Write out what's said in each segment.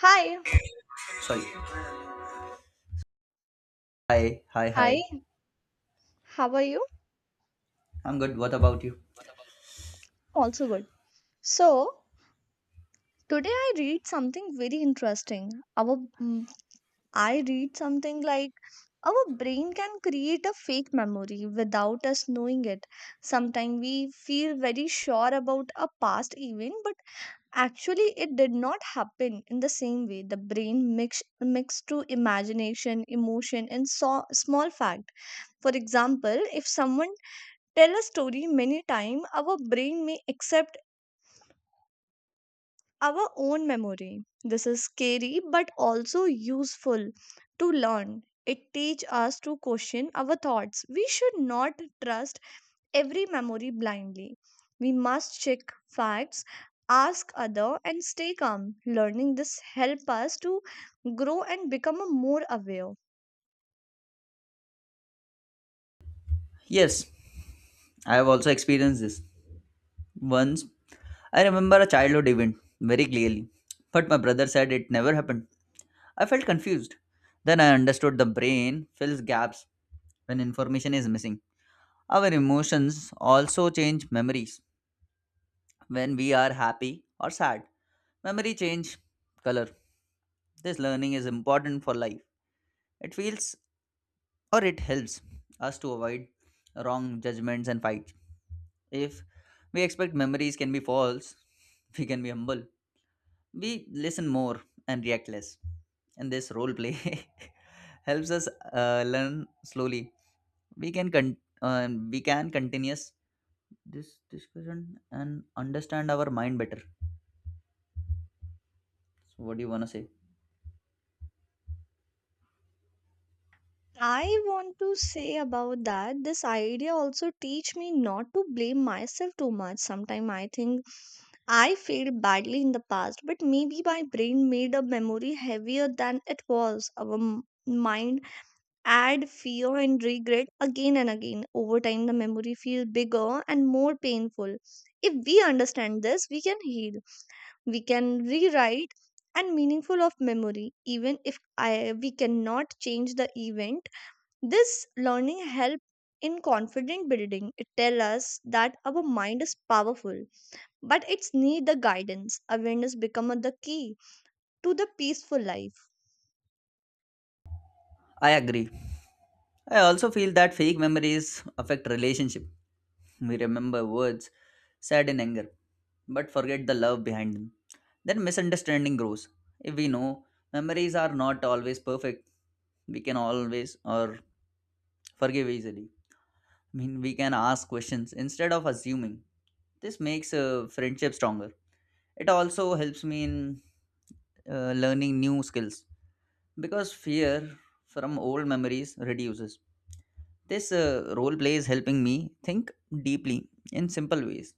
Hi, Sorry. Hi, hi, hi. Hi, how are you? I'm good. What about you? Also good. So, today I read something very interesting. Our mm, I read something like our brain can create a fake memory without us knowing it. Sometimes we feel very sure about a past event, but actually it did not happen in the same way. The brain mixed to imagination, emotion, and so, small fact. For example, if someone tell a story many times, our brain may accept our own memory. This is scary but also useful to learn. It teaches us to question our thoughts. We should not trust every memory blindly. We must check facts, ask other and stay calm. Learning this help us to grow and become a more aware. Yes, I have also experienced this. Once, I remember a childhood event very clearly, but my brother said it never happened. I felt confused. Then I understood the brain fills gaps when information is missing. Our emotions also change memories. When we are happy or sad, memory change color. This learning is important for life. It feels or it helps us to avoid wrong judgments and fights. If we expect memories can be false, we can be humble. We listen more and react less. And this role play helps us learn slowly. We can con- we can continuous this discussion and understand our mind better. So what do you wanna say? I want to say about that this idea also teach me not to blame myself too much. Sometimes I think I failed badly in the past, but maybe my brain made a memory heavier than it was. Our mind add fear and regret again and again. Over time, the memory feel bigger and more painful. If we understand this, we can heal. We can rewrite and meaningful of memory even if we cannot change the event. This learning help in confident building. It tell us that our mind is powerful, but it's need the guidance. Awareness become the key to the peaceful life. I agree. I also feel that fake memories affect relationship. We remember words said in anger but forget the love behind them. Then misunderstanding grows. If we know memories are not always perfect, we can always or forgive easily. I mean, we can ask questions instead of assuming. This makes a friendship stronger. It also helps me in learning new skills because fear from old memories reduces. This role play is helping me think deeply in simple ways.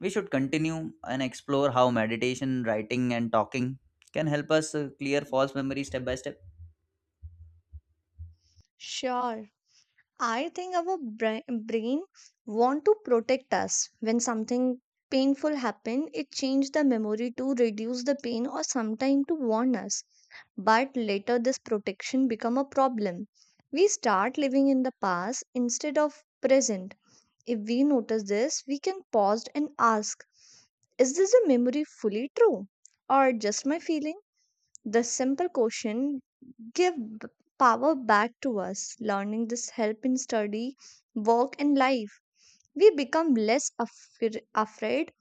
We should continue and explore how meditation, writing, and talking can help us clear false memories step by step. Sure. I think our brain want to protect us when something painful happen. It change the memory to reduce the pain or sometime to warn us, but later this protection become a problem. We start living in the past instead of present. If we notice this, we can pause and ask, is this a memory fully true or just my feeling? The simple question give b- power back to us. Learning this help in study, work and life. We become less afraid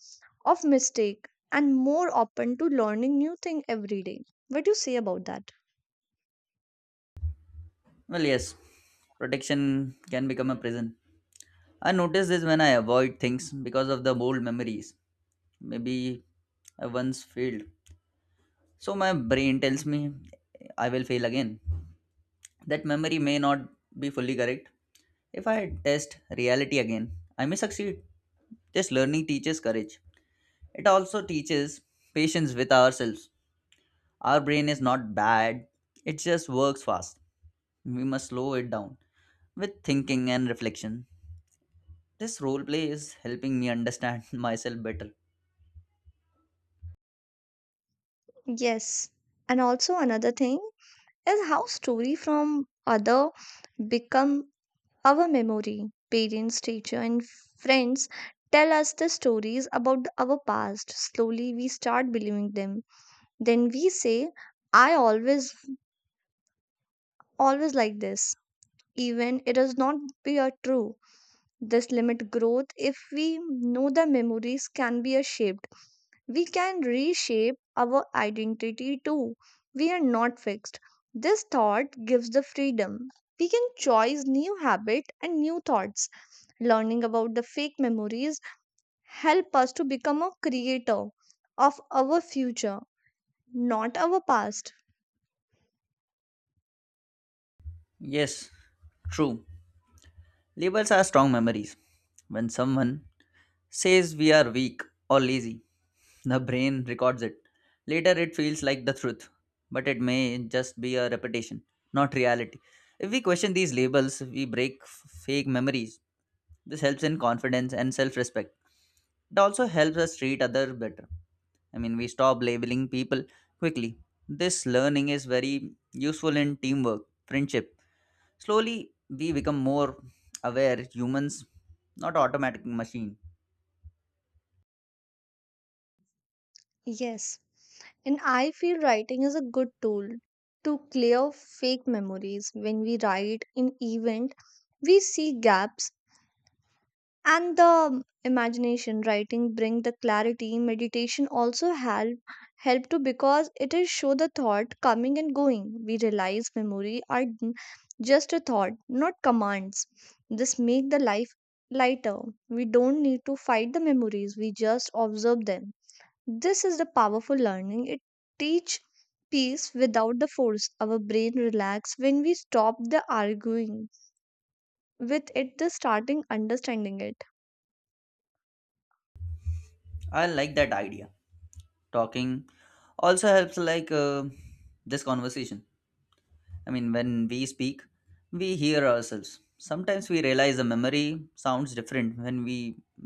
of mistake and more open to learning new thing every day. What do you say about that? Well, yes, protection can become a prison. I notice this when I avoid things because of the old memories. Maybe I once failed. So my brain tells me I will fail again. That memory may not be fully correct. If I test reality again, I may succeed. This learning teaches courage. It also teaches patience with ourselves. Our brain is not bad, it just works fast. We must slow it down with thinking and reflection. This role play is helping me understand myself better. Yes. And also another thing is how story from other become our memory. Parents, teacher, and friends tell us the stories about our past. Slowly we start believing them. Then we say, I always like this. Even it does not be a true. This limit growth. If we know the memories can be a shaped, we can reshape our identity too. We are not fixed. This thought gives the freedom. We can choose new habit and new thoughts. Learning about the fake memories help us to become a creator of our future, not our past. Yes, true. Labels are strong memories. When someone says we are weak or lazy, the brain records it. Later, it feels like the truth, but it may just be a repetition, not reality. If we question these labels, we break fake memories. This helps in confidence and self respect. It also helps us treat others better. I mean, we stop labeling people quickly. This learning is very useful in teamwork, friendship. Slowly, we become more aware humans, not automatic machine. Yes, and I feel writing is a good tool to clear fake memories. When we write in event, we see gaps and the imagination writing bring the clarity. Meditation also help to, because it is show the thought coming and going. We realize memory are just a thought, not commands. This make the life lighter. We don't need to fight the memories, we just observe them. This is the powerful learning. It teach peace without the force. Our brain relax when we stop the arguing with it, the starting understanding it. I like that idea. Talking also helps, like this conversation. I mean, when we speak, we hear ourselves. Sometimes we realize the memory sounds different when we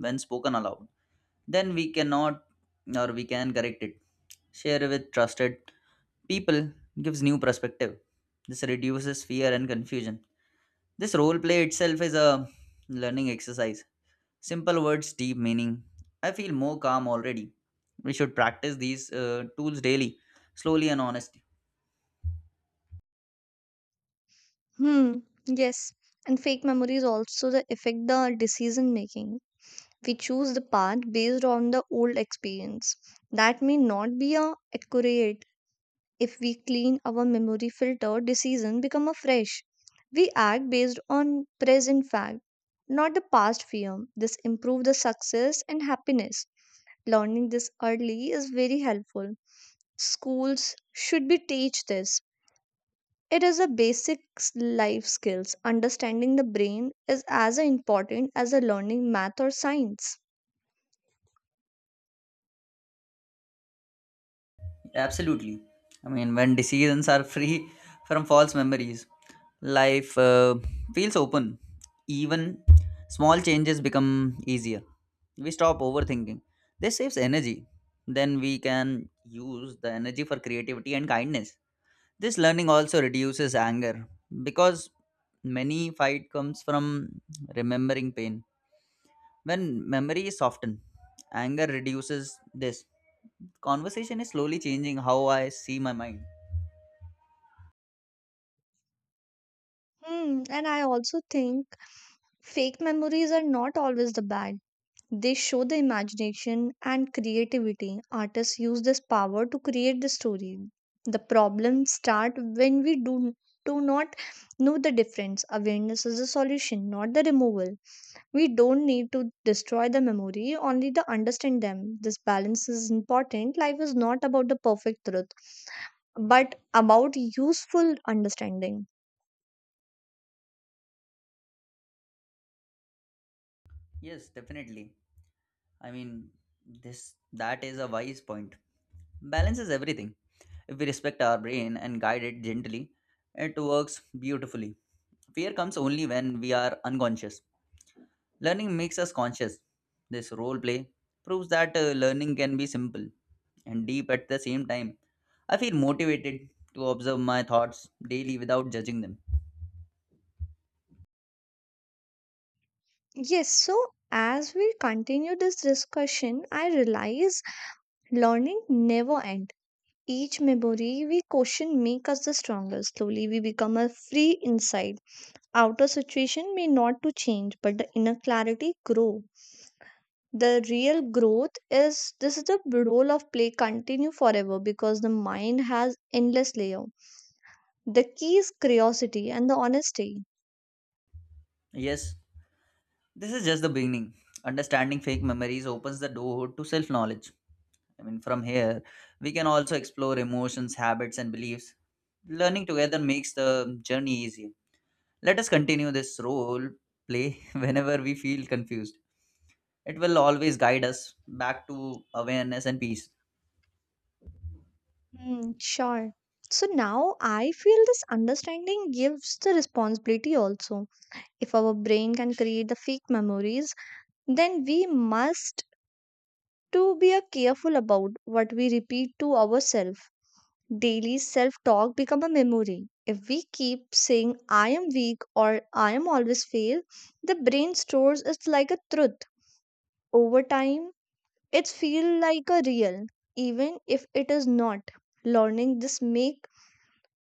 when spoken aloud. Then we cannot or we can correct it. Share with trusted people gives new perspective. This reduces fear and confusion. This role play itself is a learning exercise. Simple words, deep meaning. I feel more calm already. We should practice these tools daily, slowly and honestly. Hmm, yes. And fake memories also the affect the decision making. We choose the path based on the old experience. That may not be a accurate. If we clean our memory filter, decision become a fresh. We act based on present fact, not the past fear. This improve the success and happiness. Learning this early is very helpful. Schools should be teach this. It is a basic life skills. Understanding the brain is as important as a learning math or science. Absolutely. I mean, when decisions are free from false memories, life feels open. Even small changes become easier. We stop overthinking. This saves energy. Then we can use the energy for creativity and kindness. This learning also reduces anger because many fight comes from remembering pain. When memory is softened, anger reduces this. Conversation is slowly changing how I see my mind. Hmm, and I also think fake memories are not always the bad. They show the imagination and creativity. Artists use this power to create the story. The problems start when we do not know the difference. Awareness is the solution, not the removal. We don't need to destroy the memory, only to understand them. This balance is important. Life is not about the perfect truth, but about useful understanding. Yes, definitely. I mean, this that is a wise point. Balance is everything. If we respect our brain and guide it gently, it works beautifully. Fear comes only when we are unconscious. Learning makes us conscious. This role play proves that learning can be simple and deep at the same time. I feel motivated to observe my thoughts daily without judging them. Yes, so as we continue this discussion, I realize learning never ends. Each memory we question make us the stronger. Slowly we become a free inside. Outer situation may not to change, but the inner clarity grow. The real growth is this. Is the role of play continue forever because the mind has endless layer. The key is curiosity and the honesty. Yes, this is just the beginning. Understanding fake memories opens the door to self knowledge. I mean, from here, we can also explore emotions, habits, and beliefs. Learning together makes the journey easier. Let us continue this role play whenever we feel confused. It will always guide us back to awareness and peace. Hmm, sure. So now I feel this understanding gives the responsibility also. If our brain can create the fake memories, then we must to be a careful about what we repeat to ourselves. Daily self talk become a memory. If we keep saying I am weak or I am always fail, the brain stores it like a truth. Over time, it feel like a real, even if it is not. Learning this make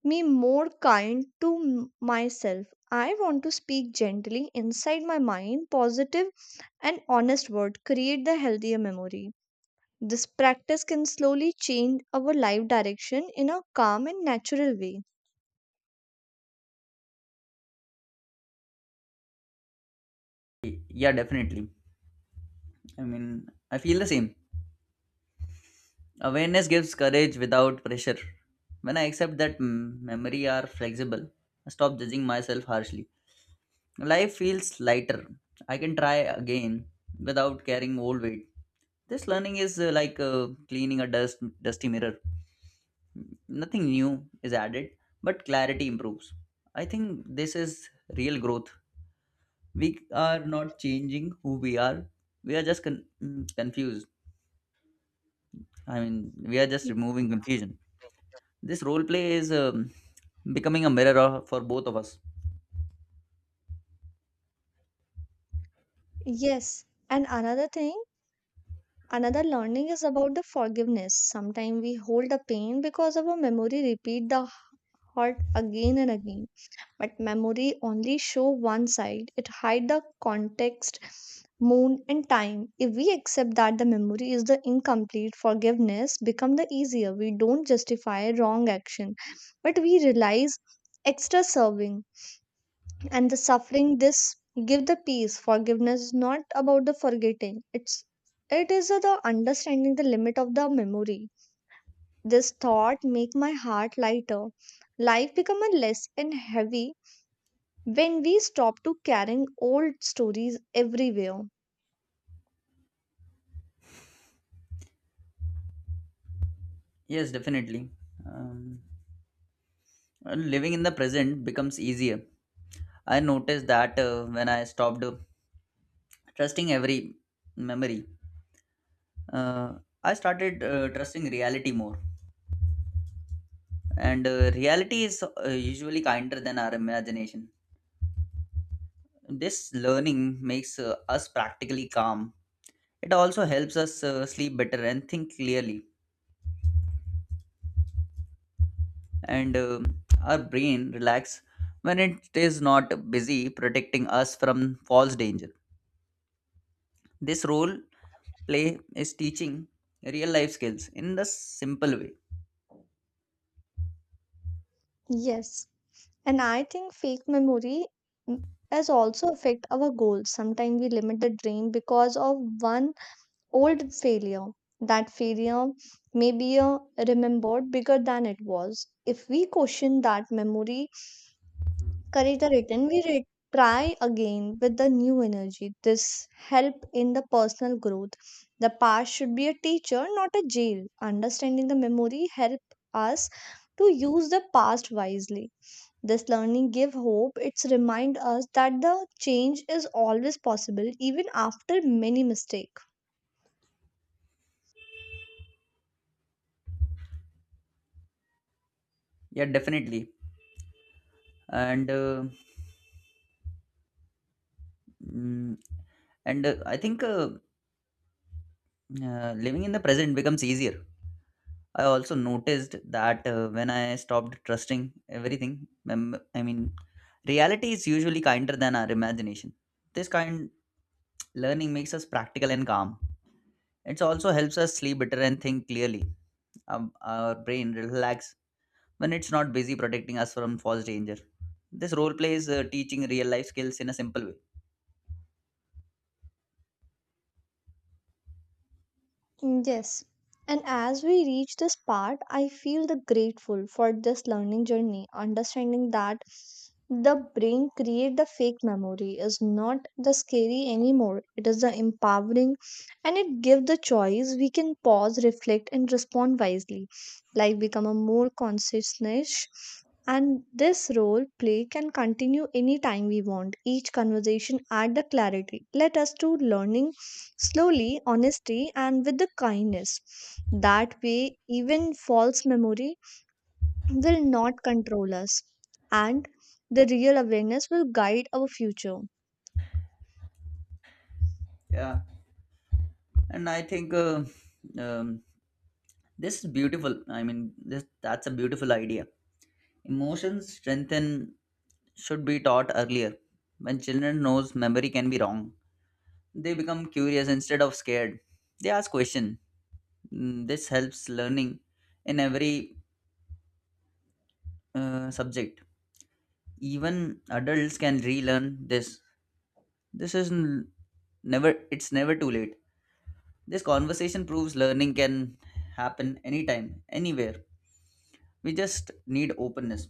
me more kind to myself. I want to speak gently inside my mind. Positive and honest word, create the healthier memory. This practice can slowly change our life direction in a calm and natural way. Yeah, definitely. I mean, I feel the same. Awareness gives courage without pressure. When I accept that memory are flexible, I stop judging myself harshly. Life feels lighter. I can try again without carrying old weight. This learning is like cleaning a dusty mirror. Nothing new is added, but clarity improves. I think this is real growth. We are not changing who we are, we are just confused. I mean, we are just removing confusion. This role play is becoming a mirror for both of us. Yes, and another thing, another learning is about the forgiveness. Sometimes we hold the pain because our memory repeat the hurt again and again. But memory only show one side. It hide the context, moon and time. If we accept that the memory is the incomplete, forgiveness become the easier. We don't justify wrong action, but we realize extra serving and the suffering. This give the peace. Forgiveness is not about the forgetting. It is the understanding the limit of the memory. This thought make my heart lighter. Life become a less and heavy when we stop to carrying old stories everywhere. Yes, definitely. um, and living in the present becomes easier. I noticed that when I stopped trusting every memory, uh, I started trusting reality more. And reality is usually kinder than our imagination. This learning makes us practically calm. It also helps us sleep better and think clearly, and our brain relax when it is not busy protecting us from false danger. This role play is teaching real life skills in the simple way. Yes, and I think fake memory mm, has also affect our goals. Sometimes we limit the dream because of one old failure. That failure may be a remembered bigger than it was. If we question that memory, correct the written, we try again with the new energy. This help in the personal growth. The past should be a teacher, not a jail. Understanding the memory help us to use the past wisely. This learning give hope. It's remind us that the change is always possible even after many mistakes. Yeah, definitely. And mm, I think living in the present becomes easier. I also noticed that when I stopped trusting everything, I mean, reality is usually kinder than our imagination. This kind learning makes us practical and calm. It also helps us sleep better and think clearly. Our brain relax when it's not busy protecting us from false danger. This role plays teaching real life skills in a simple way. Yes. And as we reach this part, I feel the grateful for this learning journey, understanding that the brain create the fake memory is not the scary anymore. It is the empowering and it give the choice. We can pause, reflect and respond wisely. Life become a more consciousness, and this role play can continue anytime we want. Each conversation add the clarity. Let us to learning slowly, honesty, and with the kindness. That way, even false memory will not control us. And the real awareness will guide our future. Yeah, and I think um, this is beautiful. I mean, this that's a beautiful idea. Emotions strengthen should be taught earlier. When children knows memory can be wrong, they become curious instead of scared. They ask question. This helps learning in every subject. Even adults can relearn this. This is n- never. It's never too late. This conversation proves learning can happen anytime, anywhere. We just need openness.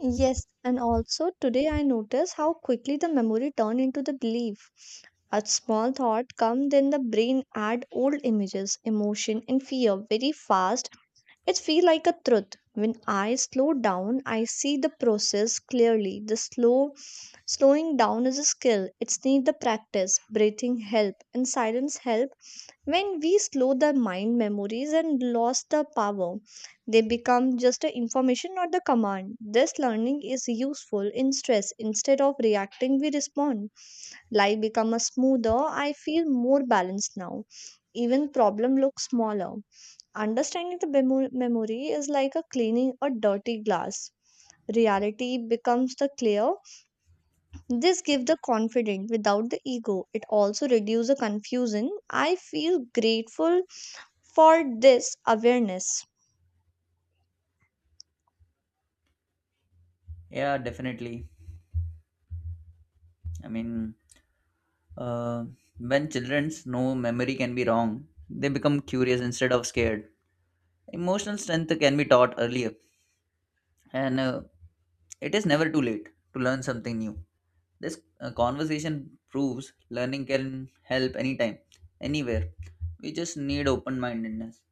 Yes, and also today I notice how quickly the memory turn into the belief. A small thought come, then the brain add old images, emotion, and fear very fast. It feels like a truth. When I slow down, I see the process clearly. The slowing down is a skill. It's need the practice. Breathing help and silence help. When we slow the mind, memories and lost the power, they become just a information, not the command. This learning is useful in stress. Instead of reacting, we respond. Life become a smoother. I feel more balanced now. Even problem looks smaller. Understanding the memory is like a cleaning a dirty glass. Reality becomes the clear. This gives the confidence without the ego. It also reduces the confusion. I feel grateful for this awareness. Yeah, definitely. I mean, Uh, when children know memory can be wrong, they become curious instead of scared. Emotional strength can be taught earlier, and it is never too late to learn something new. This conversation proves learning can help anytime, anywhere. We just need open mindedness.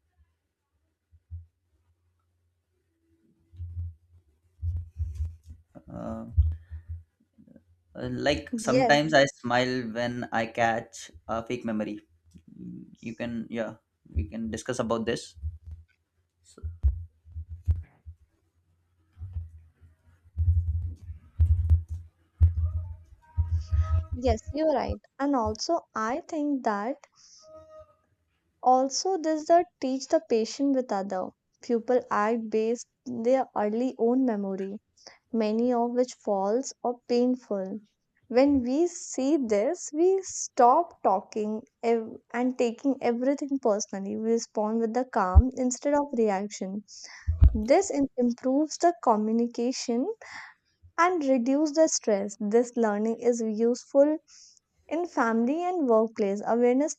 Uh, like sometimes Yes, I smile when I catch a fake memory. You can, yeah, we can discuss about this. yes, you're right. And also, I think that also this that teach the patient with other. People act based their early own memory, many of which false or painful. When we see this, we stop talking ev- and taking everything personally. We respond with the calm instead of reaction. This improves the communication and reduce the stress. This learning is useful in family and workplace. Awareness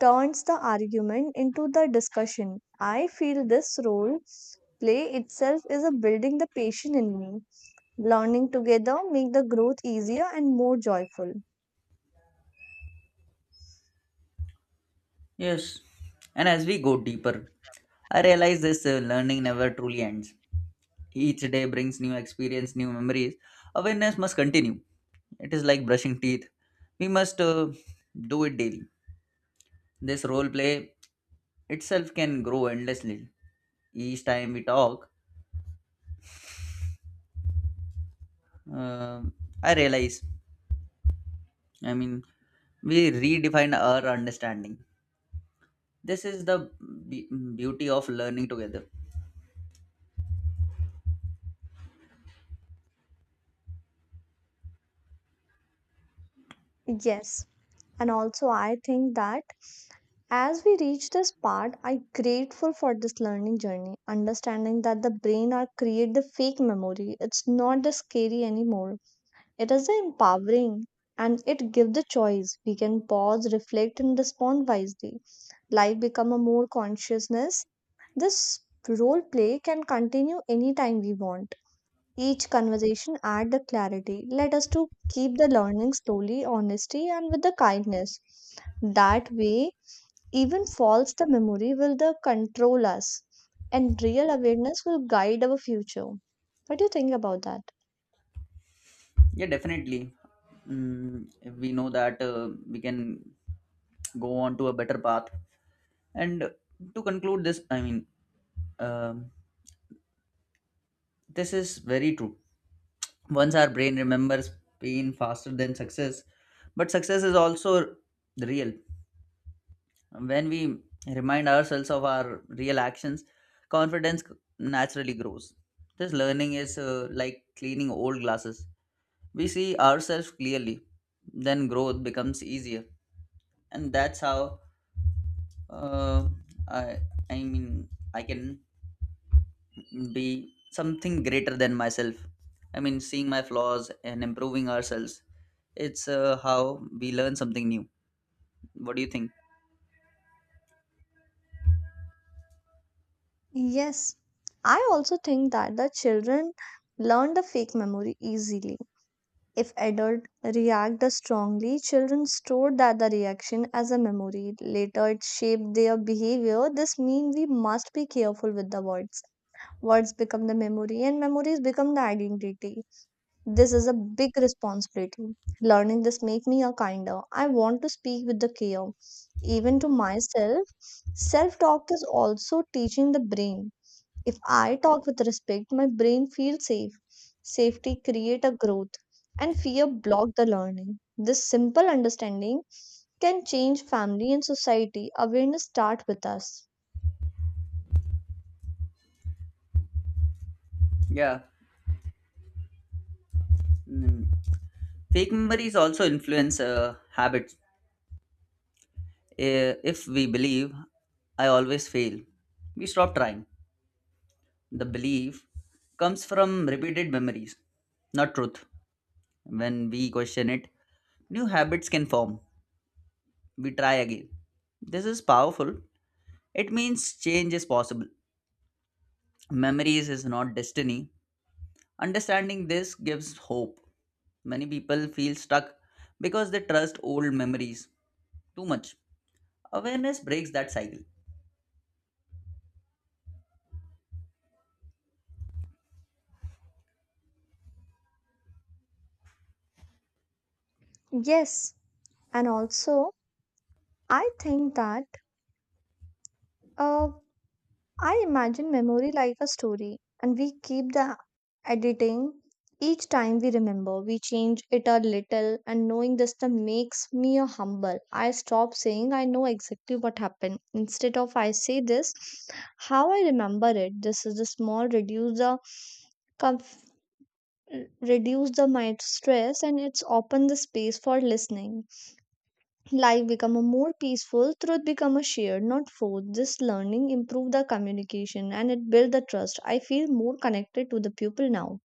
turns the argument into the discussion. I feel this role play itself is a building the patient in me. Learning together make the growth easier and more joyful. Yes. And as we go deeper, I realize this learning never truly ends. Each day brings new experience, new memories. Awareness must continue. It is like brushing teeth. We must do it daily. This role play itself can grow endlessly. Each time we talk, uh, I realize, I mean, we redefine our understanding. This is the be- beauty of learning together. Yes, and also I think that as we reach this part, I grateful for this learning journey, understanding that the brain are create the fake memory. It's not the scary anymore. It is the empowering and it give the choice. We can pause, reflect and respond wisely. Life become a more consciousness. This role play can continue anytime we want. Each conversation add the clarity. Let us to keep the learning slowly, honesty, and with the kindness. That way, even false the memory will the control us, and real awareness will guide our future. What do you think about that? Yeah, definitely. Mm, we know that we can go on to a better path. And to conclude this, I mean, um, this is very true. Once our brain remembers pain faster than success, but success is also real. When we remind ourselves of our real actions, confidence naturally grows. This learning is like cleaning old glasses. We see ourselves clearly, then growth becomes easier. And that's how uh, I, I mean, I can be something greater than myself. I mean, seeing my flaws and improving ourselves, it's how we learn something new. What do you think? Yes, I also think that the children learn the fake memory easily. If adults react strongly, children store that the reaction as a memory. Later, it shapes their behavior. This means we must be careful with the words. Words become the memory, and memories become the identity. This is a big responsibility. Learning this make me a kinder. I want to speak with the care, even to myself. Self talk is also teaching the brain if I talk with respect, my brain feels safe. Safety create a growth and fear block the learning. This simple understanding can change family and society. Awareness start with us. Yeah. Mm. Fake memories also influence habits. Eh, if we believe I always fail, we stop trying. The belief comes from repeated memories, not truth. When we question it, new habits can form. We try again. This is powerful. It means change is possible. Memories is not destiny. Understanding this gives hope. Many people feel stuck because they trust old memories too much. Awareness breaks that cycle. Yes, and also I think that uh, I imagine memory like a story, and we keep the editing each time we remember. We change it a little, and knowing this the makes me a humble. I stop saying I know exactly what happened. Instead of I say this, how I remember it. This is the small reduce the conf- reduce the mind stress, and it's open the space for listening. Life become a more peaceful, truth become a shared not forced, this learning improve the communication and it build the trust. I feel more connected to the people now.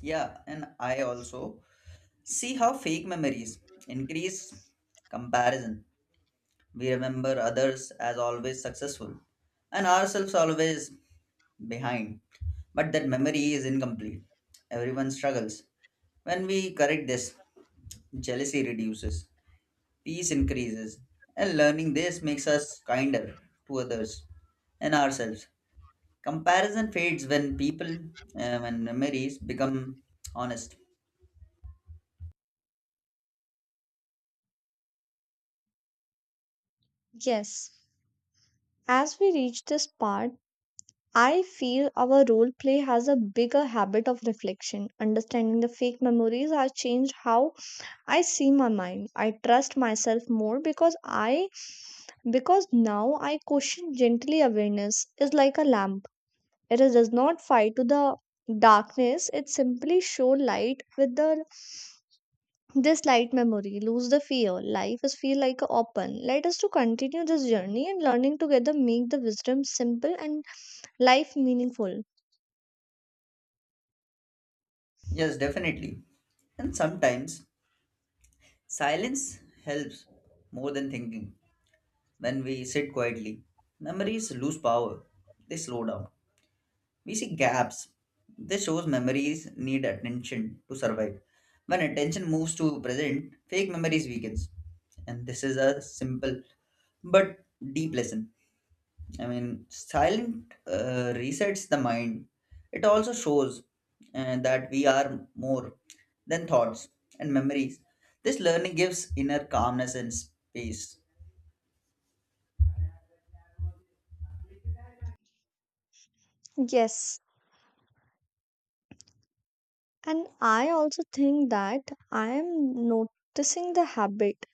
Yeah, and I also see how fake memories increase comparison. We remember others as always successful and ourselves always behind, but that memory is incomplete. Everyone struggles. When we correct this, jealousy reduces, peace increases, and learning this makes us kinder to others and ourselves. Comparison fades when memories become honest. Yes, as we reach this part, I feel our role play has a bigger habit of reflection. Understanding the fake memories has changed how I see my mind. I trust myself more because I because now I question gently. Awareness is like a lamp. It is, does not fight to the darkness. It simply show light with the this light memory. Lose the fear. Life is feel like a open. Let us to continue this journey, and learning together make the wisdom simple and life meaningful. Yes, definitely. And sometimes silence helps more than thinking. When we sit quietly, memories lose power, they slow down. We see gaps. This shows memories need attention to survive. When attention moves to present, fake memories weakens. And this is a simple but deep lesson. I mean, silent resets the mind. It also shows that we are more than thoughts and memories. This learning gives inner calmness and space. Yes. And I also think that I am noticing the habit,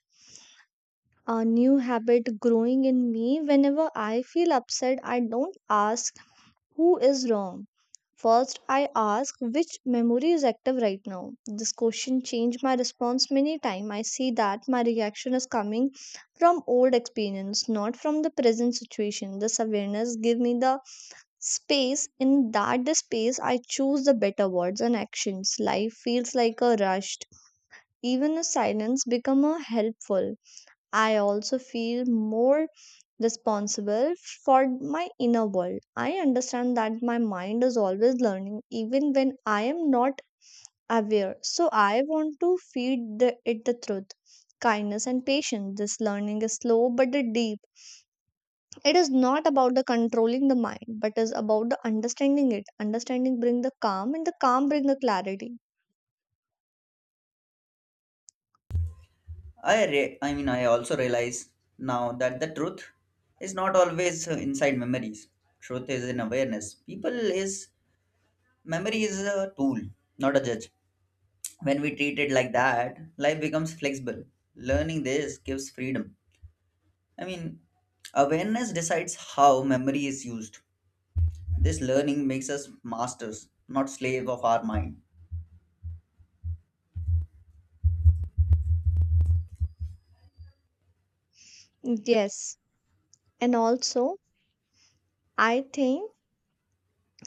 a new habit growing in me. Whenever I feel upset, I don't ask who is wrong? First, I ask which memory is active right now. This question changed my response many times. I see that my reaction is coming from old experience, not from the present situation. This awareness give me the space. In that the space, I choose the better words and actions. Life feels like a rush. Even a silence become a helpful. I also feel more responsible for my inner world. I understand that my mind is always learning, even when I am not aware. So I want to feed the, it the truth, kindness, and patience. This learning is slow but it deep. It is not about the controlling the mind, but is about the understanding it. Understanding bring the calm, and the calm bring the clarity. I mean, I also realize now that the truth is not always inside memories. Truth is in awareness. People is Memory is a tool, not a judge. When we treat it like that, life becomes flexible. Learning this gives freedom. I mean, awareness decides how memory is used. This learning makes us masters, not slave of our mind. Yes, and also I think.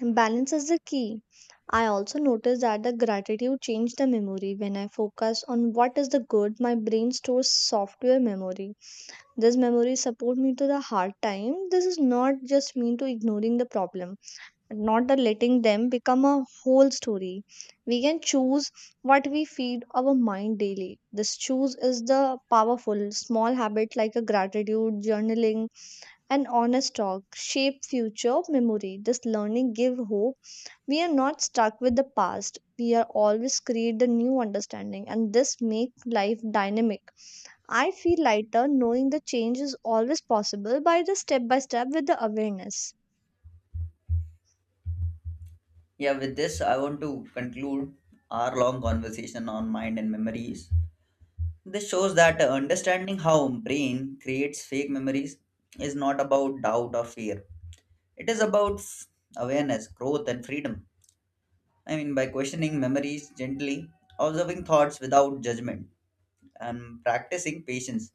Balance is the key. I also noticed that the gratitude changed the memory. When I focus on what is the good, my brain stores software memory. This memory support me to the hard time. This is not just mean to ignoring the problem, not the letting them become a whole story. We can choose what we feed our mind daily. This choose is the powerful small habit like a gratitude, journaling, and honest talk shape future memory. This learning give hope, we are not stuck with the past, we are always create the new understanding, and this make life dynamic. I feel lighter knowing the change is always possible by the step by step with the awareness. Yeah, with this I want to conclude our long conversation on mind and memories. This shows that understanding how brain creates fake memories is not about doubt or fear. It is about awareness, growth, and freedom. I mean, by questioning memories gently, observing thoughts without judgment, and practicing patience.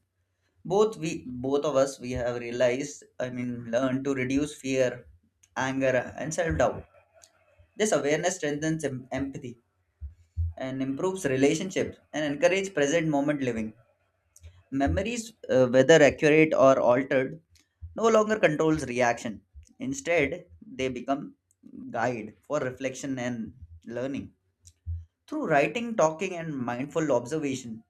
Both of us, we have realized. I mean, learn to reduce fear, anger, and self-doubt. This awareness strengthens empathy and improves relationships and encourages present moment living. Memories, whether accurate or altered, no longer controls reaction. Instead, they become guide for reflection and learning. Through writing, talking, and mindful observation,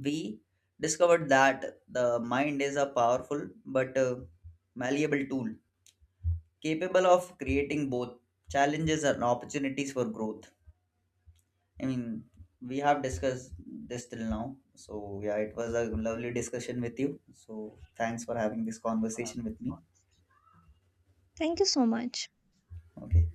we discovered that the mind is a powerful but malleable tool capable of creating both challenges and opportunities for growth. I mean, we have discussed this till now. So, yeah, it was a lovely discussion with you. So, thanks for having this conversation with me. Thank you so much. Okay.